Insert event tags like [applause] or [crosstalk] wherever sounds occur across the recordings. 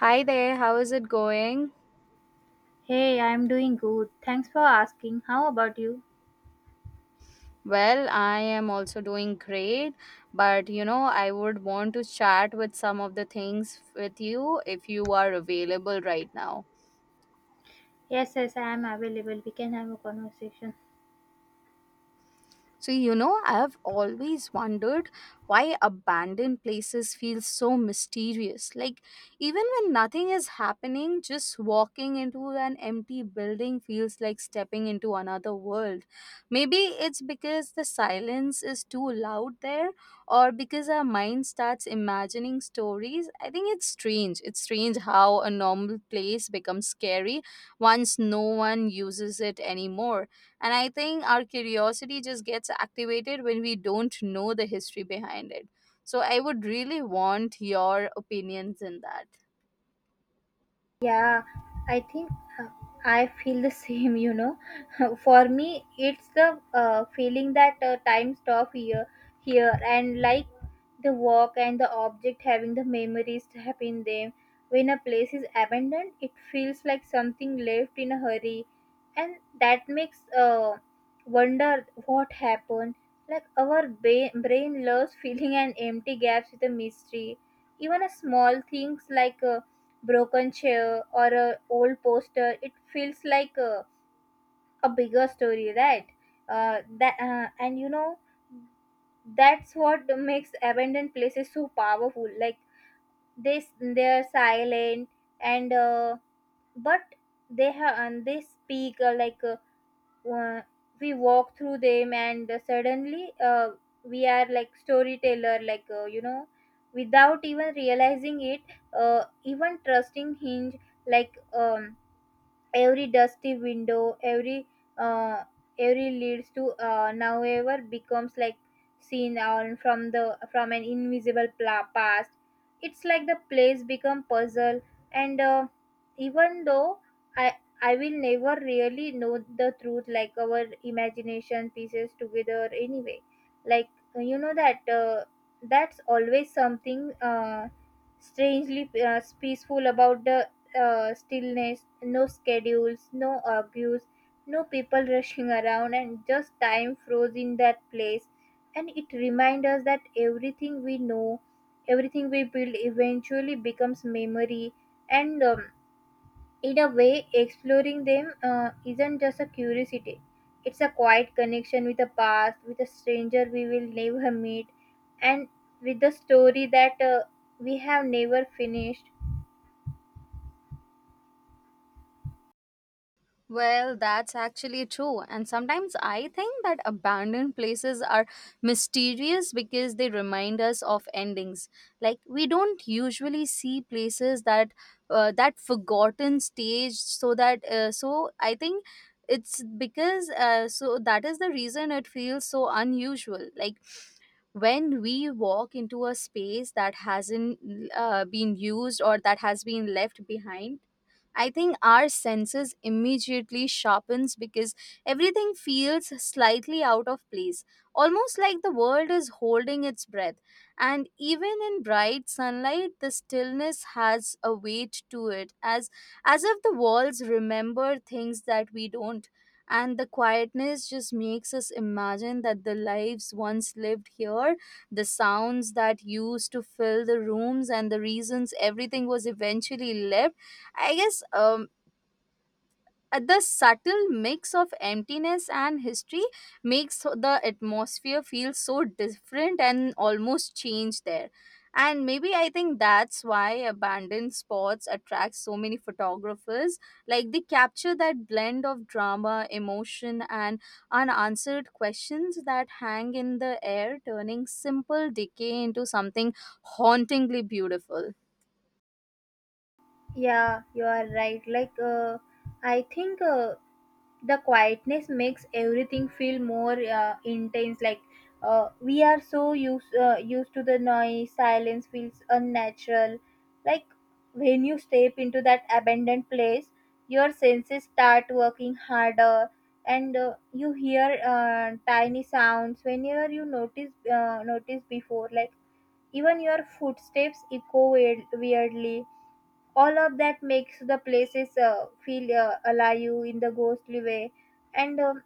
Hi there, how is it going? Hey, I'm doing good. Thanks for asking. How about you? Well, I am also doing great, but you know, I would want to chat with some of the things with you if you are available right now. Yes, yes, I am available. We can have a conversation. So, you know, I've always wondered why abandoned places feel so mysterious. Like, even when nothing is happening, just walking into an empty building feels like stepping into another world. Maybe it's because the silence is too loud there, or because our mind starts imagining stories. I think it's strange. It's strange how a normal place becomes scary once no one uses it anymore, and I think our curiosity just gets activated when we don't know the history behind it. So I would really want your opinions in that. Yeah, I think uh, I feel the [laughs] same, you know. [laughs] For me, it's the feeling that time stop here, and like the walk and the object having the memories trapped in them. When a place is abandoned, it feels like something left in a hurry, and that makes wonder what happened. Like our brain loves [laughs] filling an empty gaps with a mystery. Even a small things like broken chair or a old poster it feels like a bigger story, right? That and you know That's what makes abandoned places so powerful, like this, they're silent and but they have and they speak uh, we walk through them and suddenly we are like storyteller, without even realizing it. Even trusting hinge, like um every dusty window, uh, every leads to however becomes like seen on from the from an invisible past. It's like the place become puzzle and, even though i I will never really know the truth, like our imagination pieces together anyway. like uh, you know that uh, that's always something strangely peaceful about the stillness, no schedules, no abuse, no people rushing around, and just time froze in that place. And it reminds us that everything we know, everything we build eventually becomes memory. And In a way, exploring them isn't just a curiosity, it's a quiet connection with the past, with a stranger we will never meet, and with the story that we have never finished. Well, that's actually true. And sometimes I think that abandoned places are mysterious because they remind us of endings. Like, we don't usually see places that that forgotten stage, so that I think it's because so that is the reason it feels so unusual. Like, when we walk into a space that hasn't been used or that has been left behind, I think our senses immediately sharpens because everything feels slightly out of place, almost like the world is holding its breath. And even in bright sunlight, the stillness has a weight to it, as if the walls remember things that we don't. And the quietness just makes us imagine that the lives once lived here, the sounds that used to fill the rooms, and the reasons everything was eventually left. I guess the subtle mix of emptiness and history makes the atmosphere feel so different and almost change there. And maybe I think that's why abandoned spots attract so many photographers. Like, they capture that blend of drama, emotion, and unanswered questions that hang in the air, turning simple decay into something hauntingly beautiful. Yeah, you are right. I think the quietness makes everything feel more intense. We are so used to the noise. Silence feels unnatural. Like, when you step into that abandoned place, your senses start working harder, and you hear tiny sounds whenever you notice before. Like, even your footsteps echo weirdly. All of that makes the places feel alive in the ghostly way. And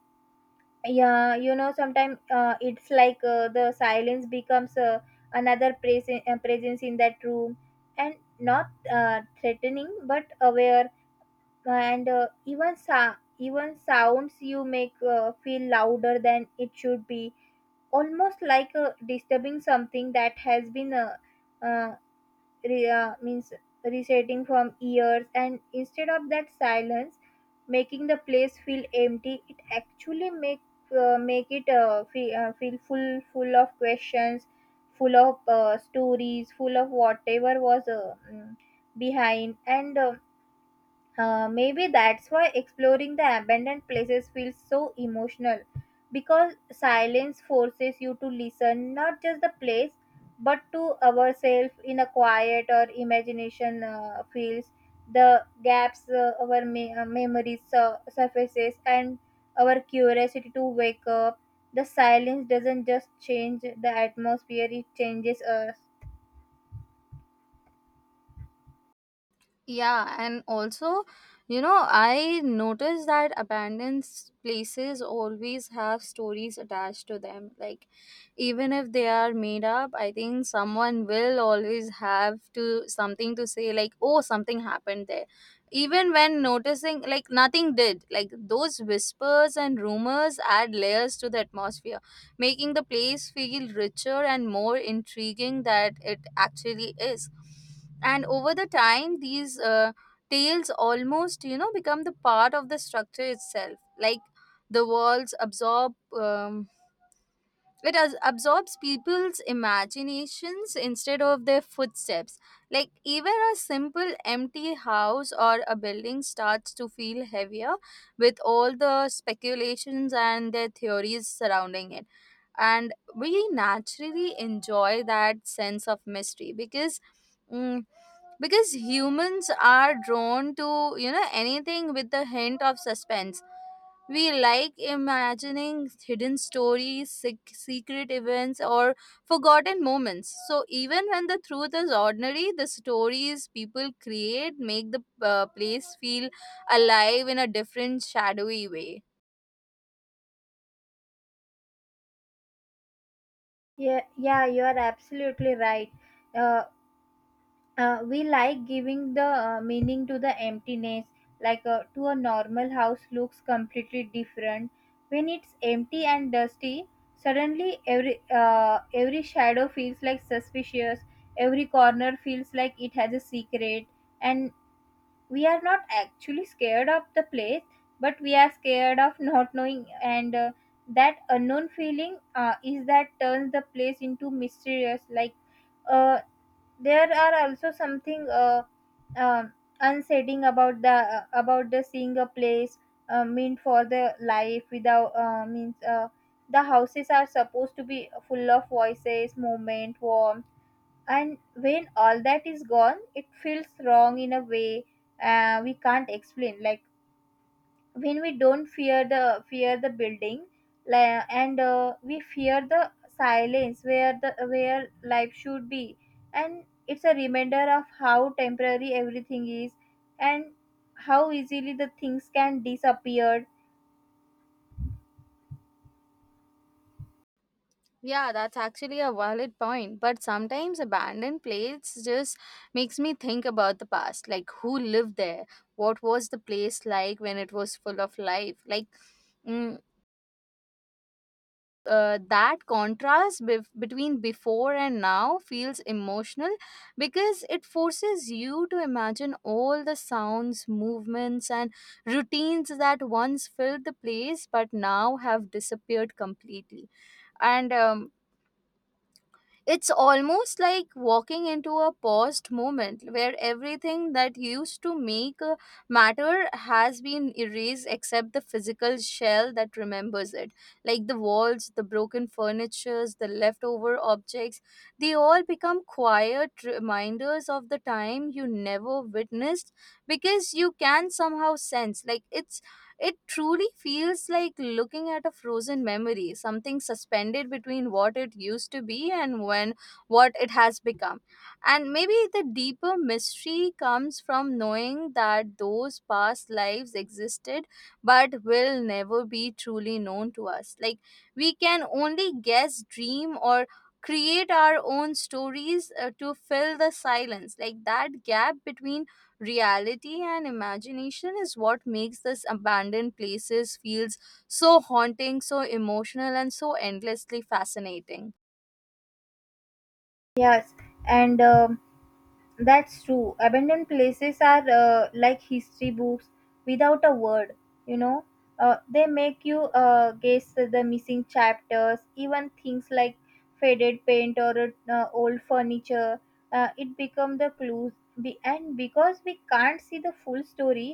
Yeah, you know, sometimes it's like the silence becomes another presence in that room, and not threatening but aware. And even even sounds you make feel louder than it should be, almost like disturbing something that has been uh, re- means resetting from years. And instead of that silence making the place feel empty, it actually make it feel full of questions, full of stories, full of whatever was behind. And Maybe that's why exploring the abandoned places feels so emotional, because silence forces you to listen not just the place but to ourselves. In a quiet or imagination fields the gaps, memories surfaces and our curiosity to wake up. The silence doesn't just change the atmosphere, it changes us. Yeah, and also, you know, I noticed that places always have stories attached to them. Like, even if they are made up, I think someone will always have to something to say, like, oh, something happened there. Even when noticing, like, nothing did. Like, those whispers and rumors add layers to the atmosphere, making the place feel richer and more intriguing that it actually is. And over the time these tales almost, you know, become the part of the structure itself, like the walls absorb um, absorbs people's imaginations instead of their footsteps, like even a simple empty house or a building starts to feel heavier with all the speculations and their theories surrounding it. And we naturally enjoy that sense of mystery because, mm, because humans are drawn to, you know, anything with the hint of suspense. We like imagining hidden stories, secret events, or forgotten moments. So, even when the truth is ordinary, the stories people create make the place feel alive in a different, shadowy way. Yeah, yeah, you are absolutely right. Uh, we like giving the meaning to the emptiness. To a normal house looks completely different when it's empty and dusty. Suddenly every shadow feels like suspicious, every corner feels like it has a secret. And we are not actually scared of the place, but we are scared of not knowing. And that unknown feeling is that turns the place into mysterious. Like a There are also something um unsettling about the seeing a place meant for the life without means the houses are supposed to be full of voices, movement, warmth. And when all that is gone, it feels wrong in a way we can't explain. Like when we don't fear the building, li- and we fear the silence where the where life should be. And it's a reminder of how temporary everything is, and how easily the things can disappear. Yeah, that's actually a valid point. But sometimes abandoned places just makes me think about the past. Like, who lived there? What was the place like when it was full of life? Like, mm, that between before and now feels emotional because it forces you to imagine all the sounds, movements, and routines that once filled the place but now have disappeared completely. And it's almost like walking into a paused moment where everything that used to make a matter has been erased except the physical shell that remembers it. Like the walls, the broken furnitures, the leftover objects, they all become quiet reminders of the time you never witnessed because you can somehow sense. Like it's, it truly feels like looking at a frozen memory, something suspended between what it used to be and when what it has become. And maybe the deeper mystery comes from knowing that those past lives existed but will never be truly known to us. Like, we can only guess, dream, or create our own stories to fill the silence. Like that gap between reality and imagination is what makes this abandoned places feels so haunting, so emotional, and so endlessly fascinating. Yes and um, That's true. Abandoned places are like history books without a word, you know. They make you guess the missing chapters, even things like faded paint or old furniture. It become the clues. And because we can't see the full story,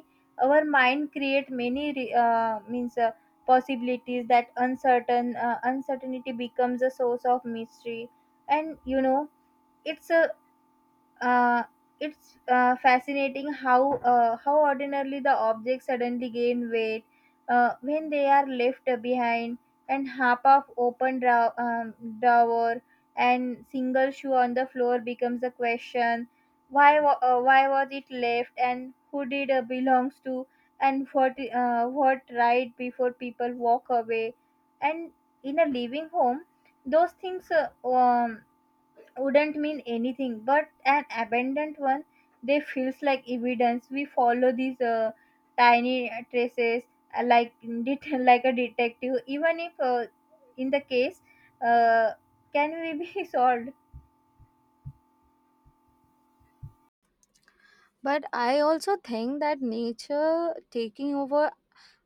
our mind create many re- means possibilities. That uncertainty becomes a source of mystery. And you know, it's a uh, it's fascinating how ordinarily the objects suddenly gain weight when they are left behind. And half of open drawer and single shoe on the floor becomes a question. Why was it left, and who did it belongs to, and what right before people walk away? And in a living home, those things wouldn't mean anything, but an abandoned one, they feels like evidence. We follow these tiny traces, like det- [laughs] like a detective, even if in the case uh, can we be [laughs] solved. But I also think that nature taking over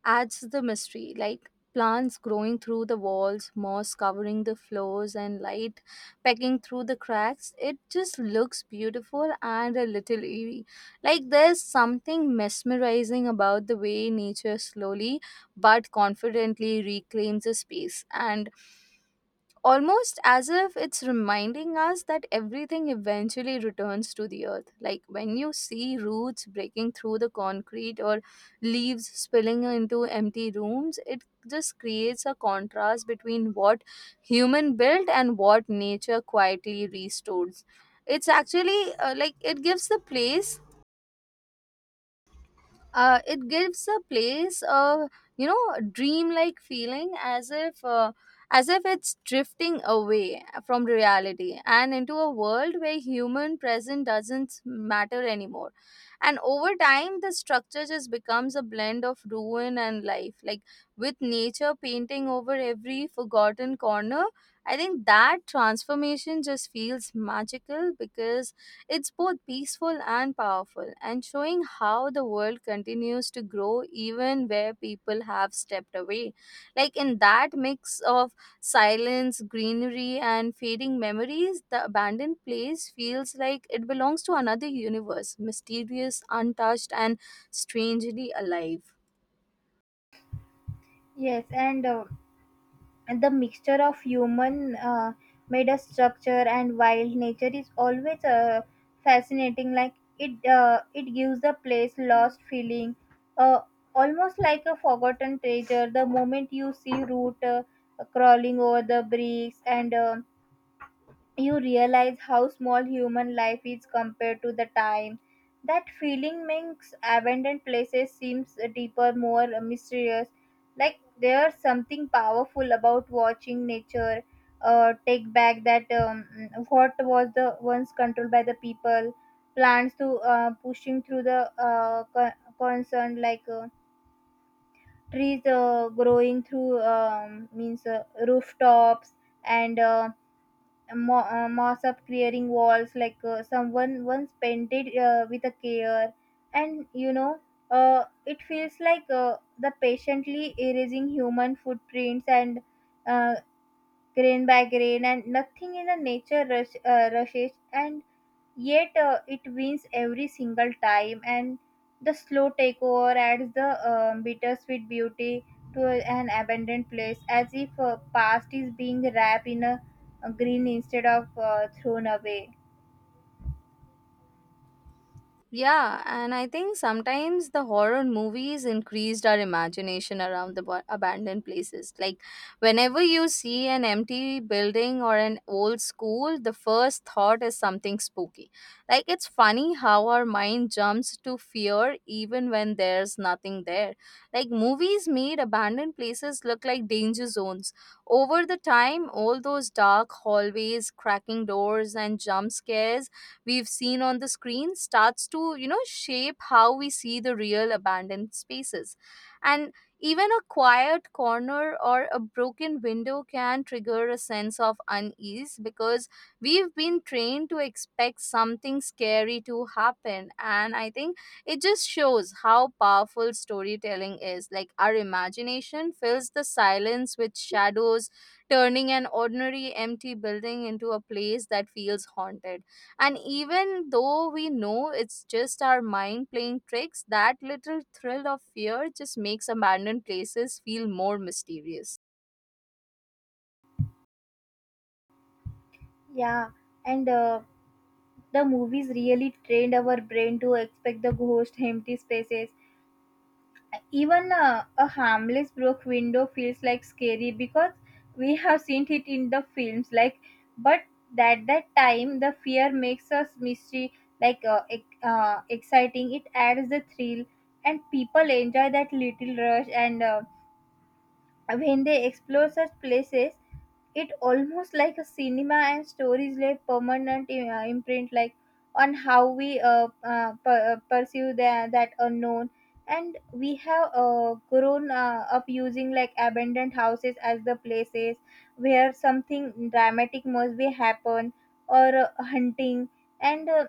adds to the mystery, like plants growing through the walls, moss covering the floors, and light pecking through the cracks. It just looks beautiful and a little eerie. Like, there's something mesmerizing about the way nature slowly but confidently reclaims a space. And almost as if it's reminding us that everything eventually returns to the earth. Like, when you see roots breaking through the concrete or leaves spilling into empty rooms, it just creates a contrast between what human built and what nature quietly restores. It's actually, it gives a place a, you know, dreamlike feeling, as if, as if it's drifting away from reality and into a world where human presence doesn't matter anymore. And over time the structure just becomes a blend of ruin and life, like with nature painting over every forgotten corner. I think that transformation just feels magical because it's both peaceful and powerful, and showing how the world continues to grow even where people have stepped away. Like, in that mix of silence, greenery, and fading memories, the abandoned place feels like it belongs to another universe, mysterious, untouched, and strangely alive. Yes. And the mixture of human made a structure and wild nature is always fascinating. Like it it gives the place lost feeling, uh, almost like a forgotten treasure. The moment you see root crawling over the bricks, and you realize how small human life is compared to the time. That feeling makes abandoned places seems deeper, more mysterious. Like there's something powerful about watching nature take back that what was the once controlled by the people. Plants to pushing through the con- concern, like trees growing through means rooftops. And moss up clearing walls, like someone once painted with a care. And you know, it feels like the patiently erasing human footprints, and uh, grain by grain. And nothing in the nature rushes, and yet it wins every single time. And the slow takeover adds the bittersweet beauty to an abandoned place, as if past is being wrapped in a green instead of thrown away. Yeah, and I think sometimes the horror movies increased our imagination around the abandoned places. Like, whenever you see an empty building or an old school, the first thought is something spooky. Like, it's funny how our mind jumps to fear even when there's nothing there. Like, movies made abandoned places look like danger zones. Over the time, all those dark hallways, cracking doors, and jump scares we've seen on the screen starts to, you know, shape how we see the real abandoned spaces. And even a quiet corner or a broken window can trigger a sense of unease because we've been trained to expect something scary to happen. And I think it just shows how powerful storytelling is. Like, our imagination fills the silence with shadows, turning an ordinary empty building into a place that feels haunted. And even though we know it's just our mind playing tricks, that little thrill of fear just makes abandoned places feel more mysterious. Yeah and uh, The movies really trained our brain to expect the ghost empty spaces. Even a harmless broke window feels like scary because we have seen it in the films. Like, but at that time, the fear makes us mystery, like exciting. It adds the thrill, and people enjoy that little rush. And when they explore such places, it almost like a cinema. And stories leave permanent imprint, like on how we pursue the, that unknown. And we have grown up using like abandoned houses as the places where something dramatic must be happen, or hunting, and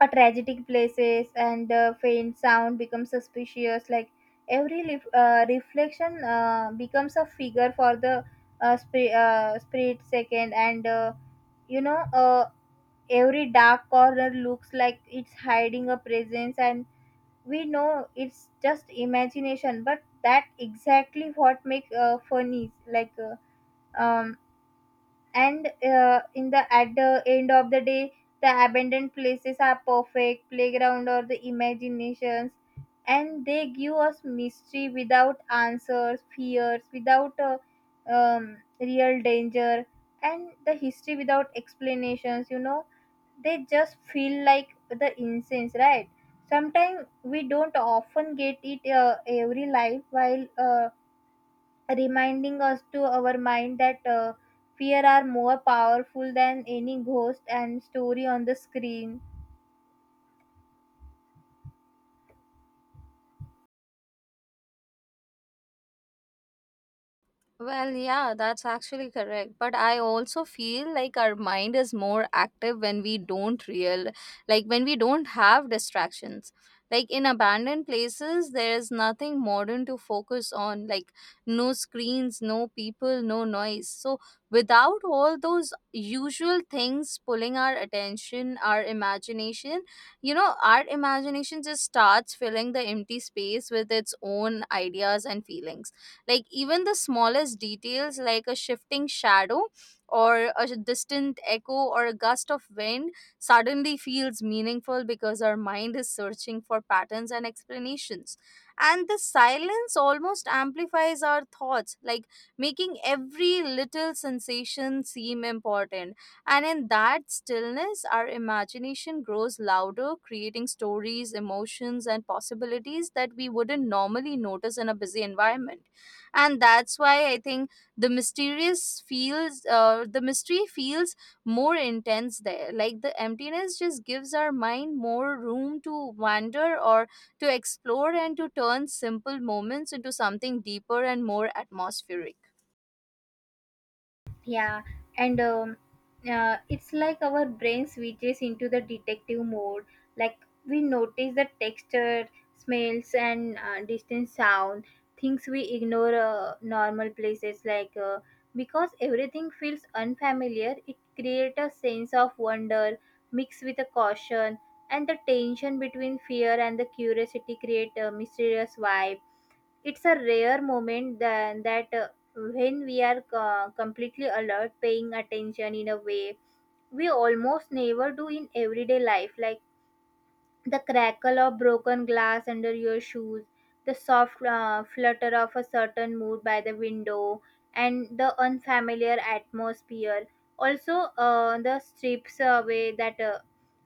a tragic places. And faint sound becomes suspicious, like every reflection becomes a figure for the spirit second. And you know, every dark corner looks like it's hiding a presence. And we know it's just imagination, but that exactly what makes funny, like um and in the at the end of the day the abandoned places are perfect playground or the imaginations. And they give us mystery without answers, fears without real danger, and the history without explanations, you know. They just feel like the incense, right? Sometimes we don't often get it every life, while reminding us to our mind that fear are more powerful than any ghost and story on the screen. Well, yeah, that's actually correct. But I also feel like our mind is more active when we don't real like when we don't have distractions. Like in abandoned places, there is nothing modern to focus on, like no screens, no people, no noise. So without all those usual things pulling our attention, our imagination just starts filling the empty space with its own ideas and feelings, like even the smallest details, like a shifting shadow or a distant echo or a gust of wind, suddenly feels meaningful because our mind is searching for patterns and explanations. And the silence almost amplifies our thoughts, like making every little sensation seem important. And in that stillness, our imagination grows louder, creating stories, emotions, and possibilities that we wouldn't normally notice in a busy environment. And that's why I think the mystery feels more intense there, like the emptiness just gives our mind more room to wander, or to explore, and to turn simple moments into something deeper and more atmospheric. Yeah, and It's like our brain switches into the detective mode. Like we notice the texture, smells, and distant sound, things we ignore normal places. Because everything feels unfamiliar, it creates a sense of wonder mixed with a caution, and the tension between fear and the curiosity create a mysterious vibe. It's a rare moment than that when we are completely alert, paying attention in a way we almost never do in everyday life, like the crackle of broken glass under your shoes, the soft flutter of a certain mood by the window, and the unfamiliar atmosphere. Also, the strips away that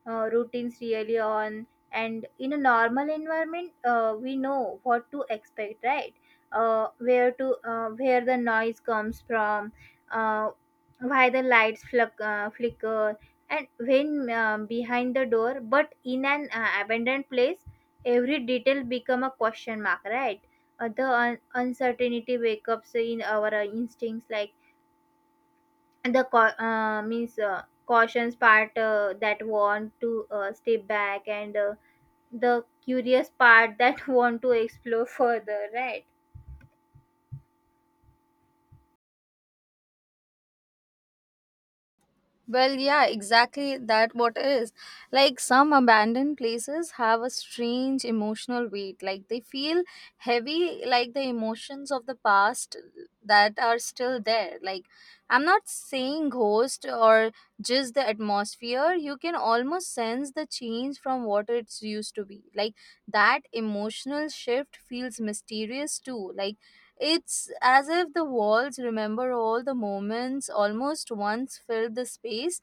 routines really on. And in a normal environment, we know what to expect, right? Where to where the noise comes from, uh, why the lights flicker, and when behind the door. But in an abandoned place, every detail become a question mark, right? The uncertainty wake ups in our instincts, like, and the means, cautions part that want to stay back, and the curious part that [laughs] want to explore further, right? Well, yeah, exactly that what is. Like, some abandoned places have a strange emotional weight. Like, they feel heavy, like the emotions of the past that are still there. Like, I'm not saying ghost or just the atmosphere. You can almost sense the change from what it's used to be. Like that emotional shift feels mysterious too. Like, it's as if the walls remember all the moments almost once filled the space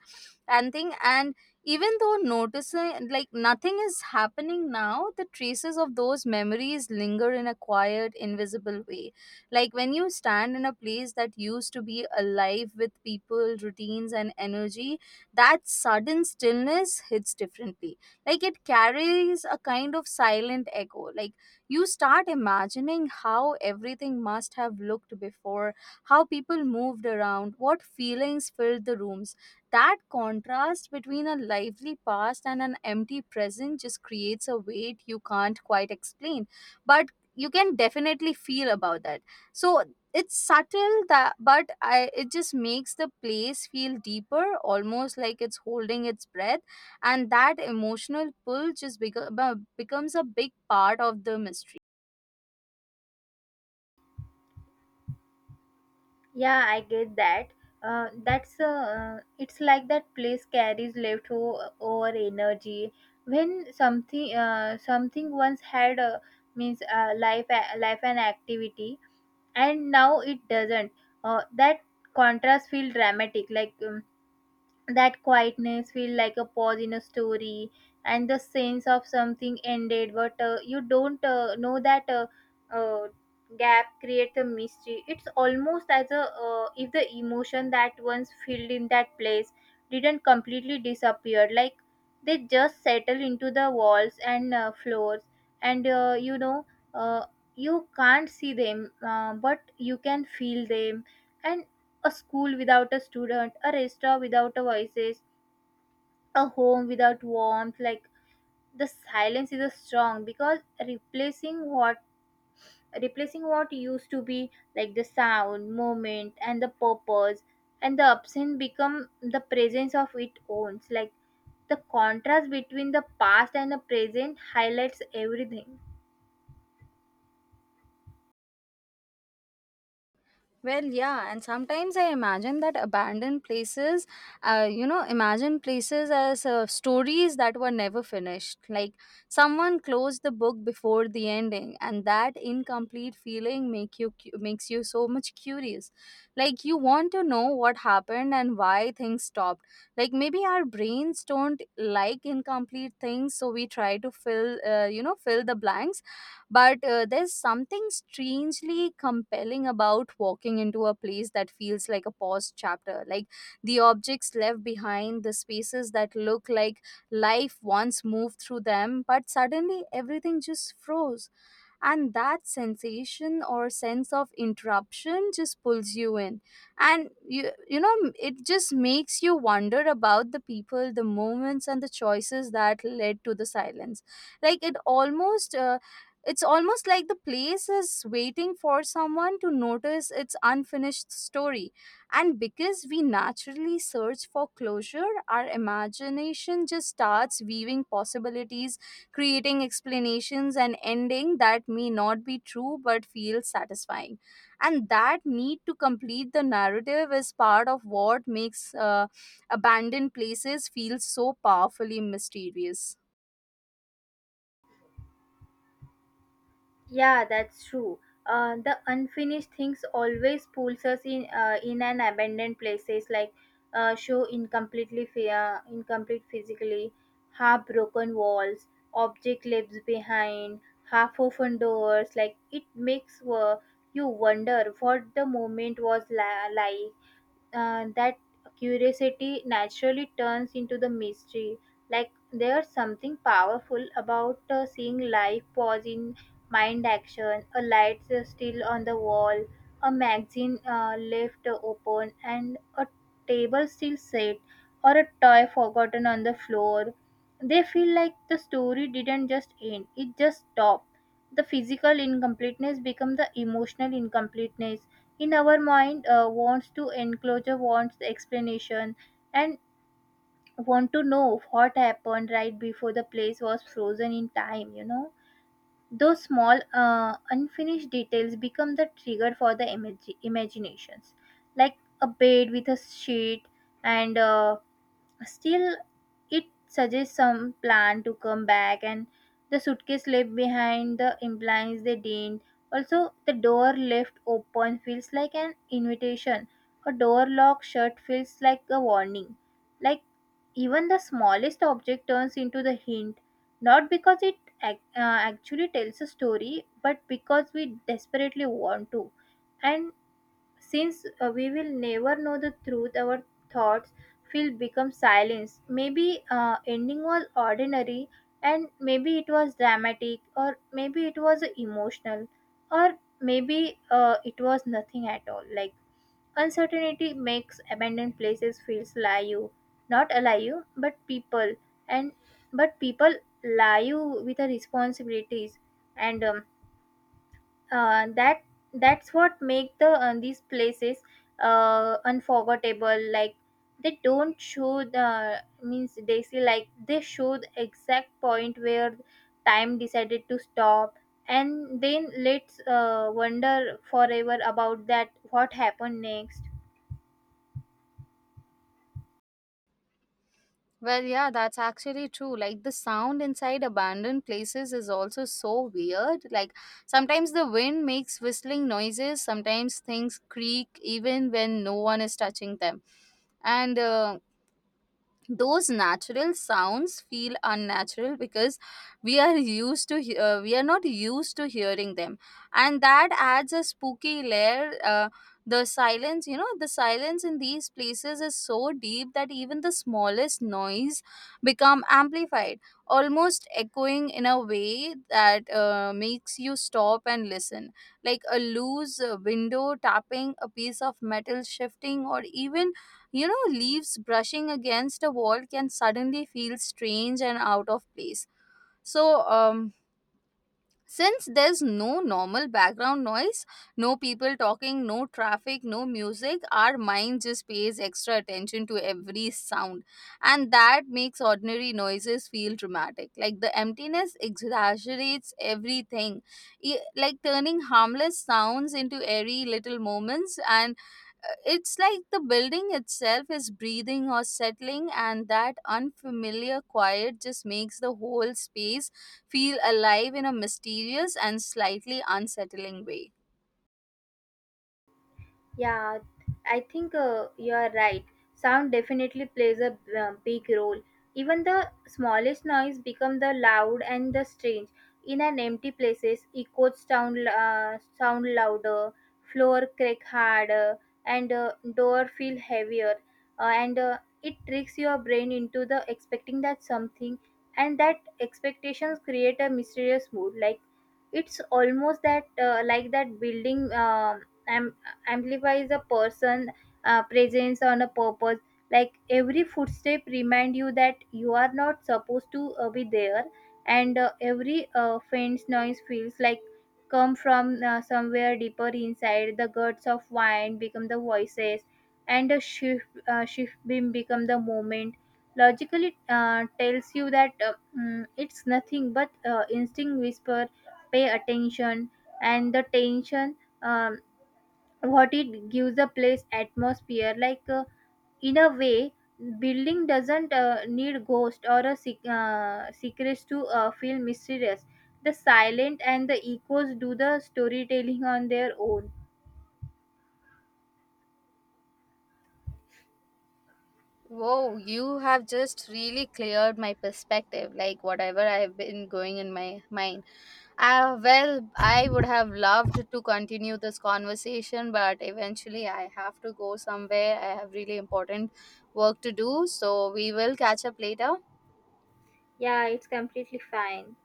and thing, and even though noticing like nothing is happening now, the traces of those memories linger in a quiet, invisible way. Like when you stand in a place that used to be alive with people, routines, and energy, that sudden stillness hits differently. Like, it carries a kind of silent echo. Like, you start imagining how everything must have looked before, how people moved around, what feelings filled the rooms. That contrast between a lively past and an empty present just creates a weight you can't quite explain, but you can definitely feel about that. So, it's subtle that, but I, it just makes the place feel deeper, almost like it's holding its breath, and that emotional pull just becomes a big part of the mystery. Yeah, I get that. That's it's like that place carries leftover energy when something once had, means, life, life and activity, and now it doesn't. That contrast feel dramatic, like, that quietness feel like a pause in a story and the sense of something ended. But you don't know that. Uh, Gap creates a mystery. It's almost as a, if the emotion that once filled in that place didn't completely disappear. Like, they just settle into the walls and floors, and you know, uh, you can't see them, but you can feel them. And a school without a student, a restaurant without a voices, a home without warmth. Like, the silence is a strong because replacing what, replacing what used to be, like the sound, moment, and the purpose, and the absence become the presence of its own. Like, the contrast between the past and the present highlights everything. Well, yeah, and sometimes I imagine that abandoned places, you know, imagine places as stories that were never finished. Like, someone closed the book before the ending, and that incomplete feeling makes you so much curious. Like, you want to know what happened and why things stopped. Like, maybe our brains don't like incomplete things, so we try to fill, you know, fill the blanks, but there's something strangely compelling about walking into a place that feels like a paused chapter. Like, the objects left behind, the spaces that look like life once moved through them, but suddenly everything just froze, and that sensation or sense of interruption just pulls you in. And you know, it just makes you wonder about the people, the moments, and the choices that led to the silence, like it almost, it's almost like the place is waiting for someone to notice its unfinished story. And because we naturally search for closure, our imagination just starts weaving possibilities, creating explanations and ending that may not be true but feel satisfying, and that need to complete the narrative is part of what makes abandoned places feel so powerfully mysterious. Yeah, that's true. The unfinished things always pulls us in an abandoned places. Like, show incompletely fear, incomplete physically, half broken walls, object left behind, half open doors. Like, it makes you wonder what the moment was like. That curiosity naturally turns into the mystery. Like, there's something powerful about seeing life pause in mind action, a light still on the wall, a magazine left open, and a table still set, or a toy forgotten on the floor. They feel like the story didn't just end; it just stopped. The physical incompleteness become the emotional incompleteness in our mind wants to enclosure, wants the explanation, and want to know what happened right before the place was frozen in time, you know. Those small unfinished details become the trigger for the imaginations, like a bed with a sheet and still, it suggests some plan to come back, and the suitcase left behind the implies they didn't. Also, the door left open feels like an invitation. A door locked shut feels like a warning. Like, even the smallest object turns into the hint, not because it actually tells a story, but because we desperately want to. And since we will never know the truth, our thoughts will become silence. Maybe ending was ordinary, and maybe it was dramatic, or maybe it was emotional, or maybe it was nothing at all. Like, uncertainty makes abandoned places feels live, not alive, but people, and but people live with the responsibilities. And that, that's what make the these places unforgettable. Like, they don't show the means they see, like they show the exact point where time decided to stop, and then let's wonder forever about that what happened next. Well, yeah, that's actually true. Like, the sound inside abandoned places is also so weird. Like, sometimes the wind makes whistling noises, sometimes things creak even when no one is touching them. And those natural sounds feel unnatural because we are not used to hearing them, and that adds a spooky layer. The silence, you know, the silence in these places is so deep that even the smallest noise become amplified, almost echoing in a way that makes you stop and listen, like a loose window tapping, a piece of metal shifting, or even, you know, leaves brushing against a wall can suddenly feel strange and out of place. So, since there's no normal background noise, no people talking, no traffic, no music, our mind just pays extra attention to every sound. And that makes ordinary noises feel dramatic. Like, the emptiness exaggerates everything, like turning harmless sounds into airy little moments, and it's like the building itself is breathing or settling, and that unfamiliar quiet just makes the whole space feel alive in a mysterious and slightly unsettling way. Yeah, I think you are right. Sound definitely plays a big role. Even the smallest noise become the loud and the strange. In an empty places, echoes sound sound louder, floor crack harder, and door feel heavier. And it tricks your brain into the expecting that something, and that expectations create a mysterious mood. Like, it's almost that like that building. I'm amplifies a person presence on a purpose, like every footstep remind you that you are not supposed to be there, and every faint noise feels like come from somewhere deeper inside the guts of wine become the voices, and a shift beam become the moment. Logically tells you that it's nothing, but instinct whisper, pay attention. And the tension, um, what it gives a place atmosphere, like, in a way, building doesn't need ghost or a secrets to feel mysterious. The silent and the echoes do the storytelling on their own. Whoa, you have just really cleared my perspective, like whatever I've been going in my mind. Well, I would have loved to continue this conversation, but eventually I have to go somewhere. I have really important work to do, so we will catch up later. Yeah, it's completely fine.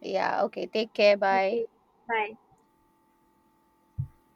Yeah, okay. Take care. Okay, Bye. bye.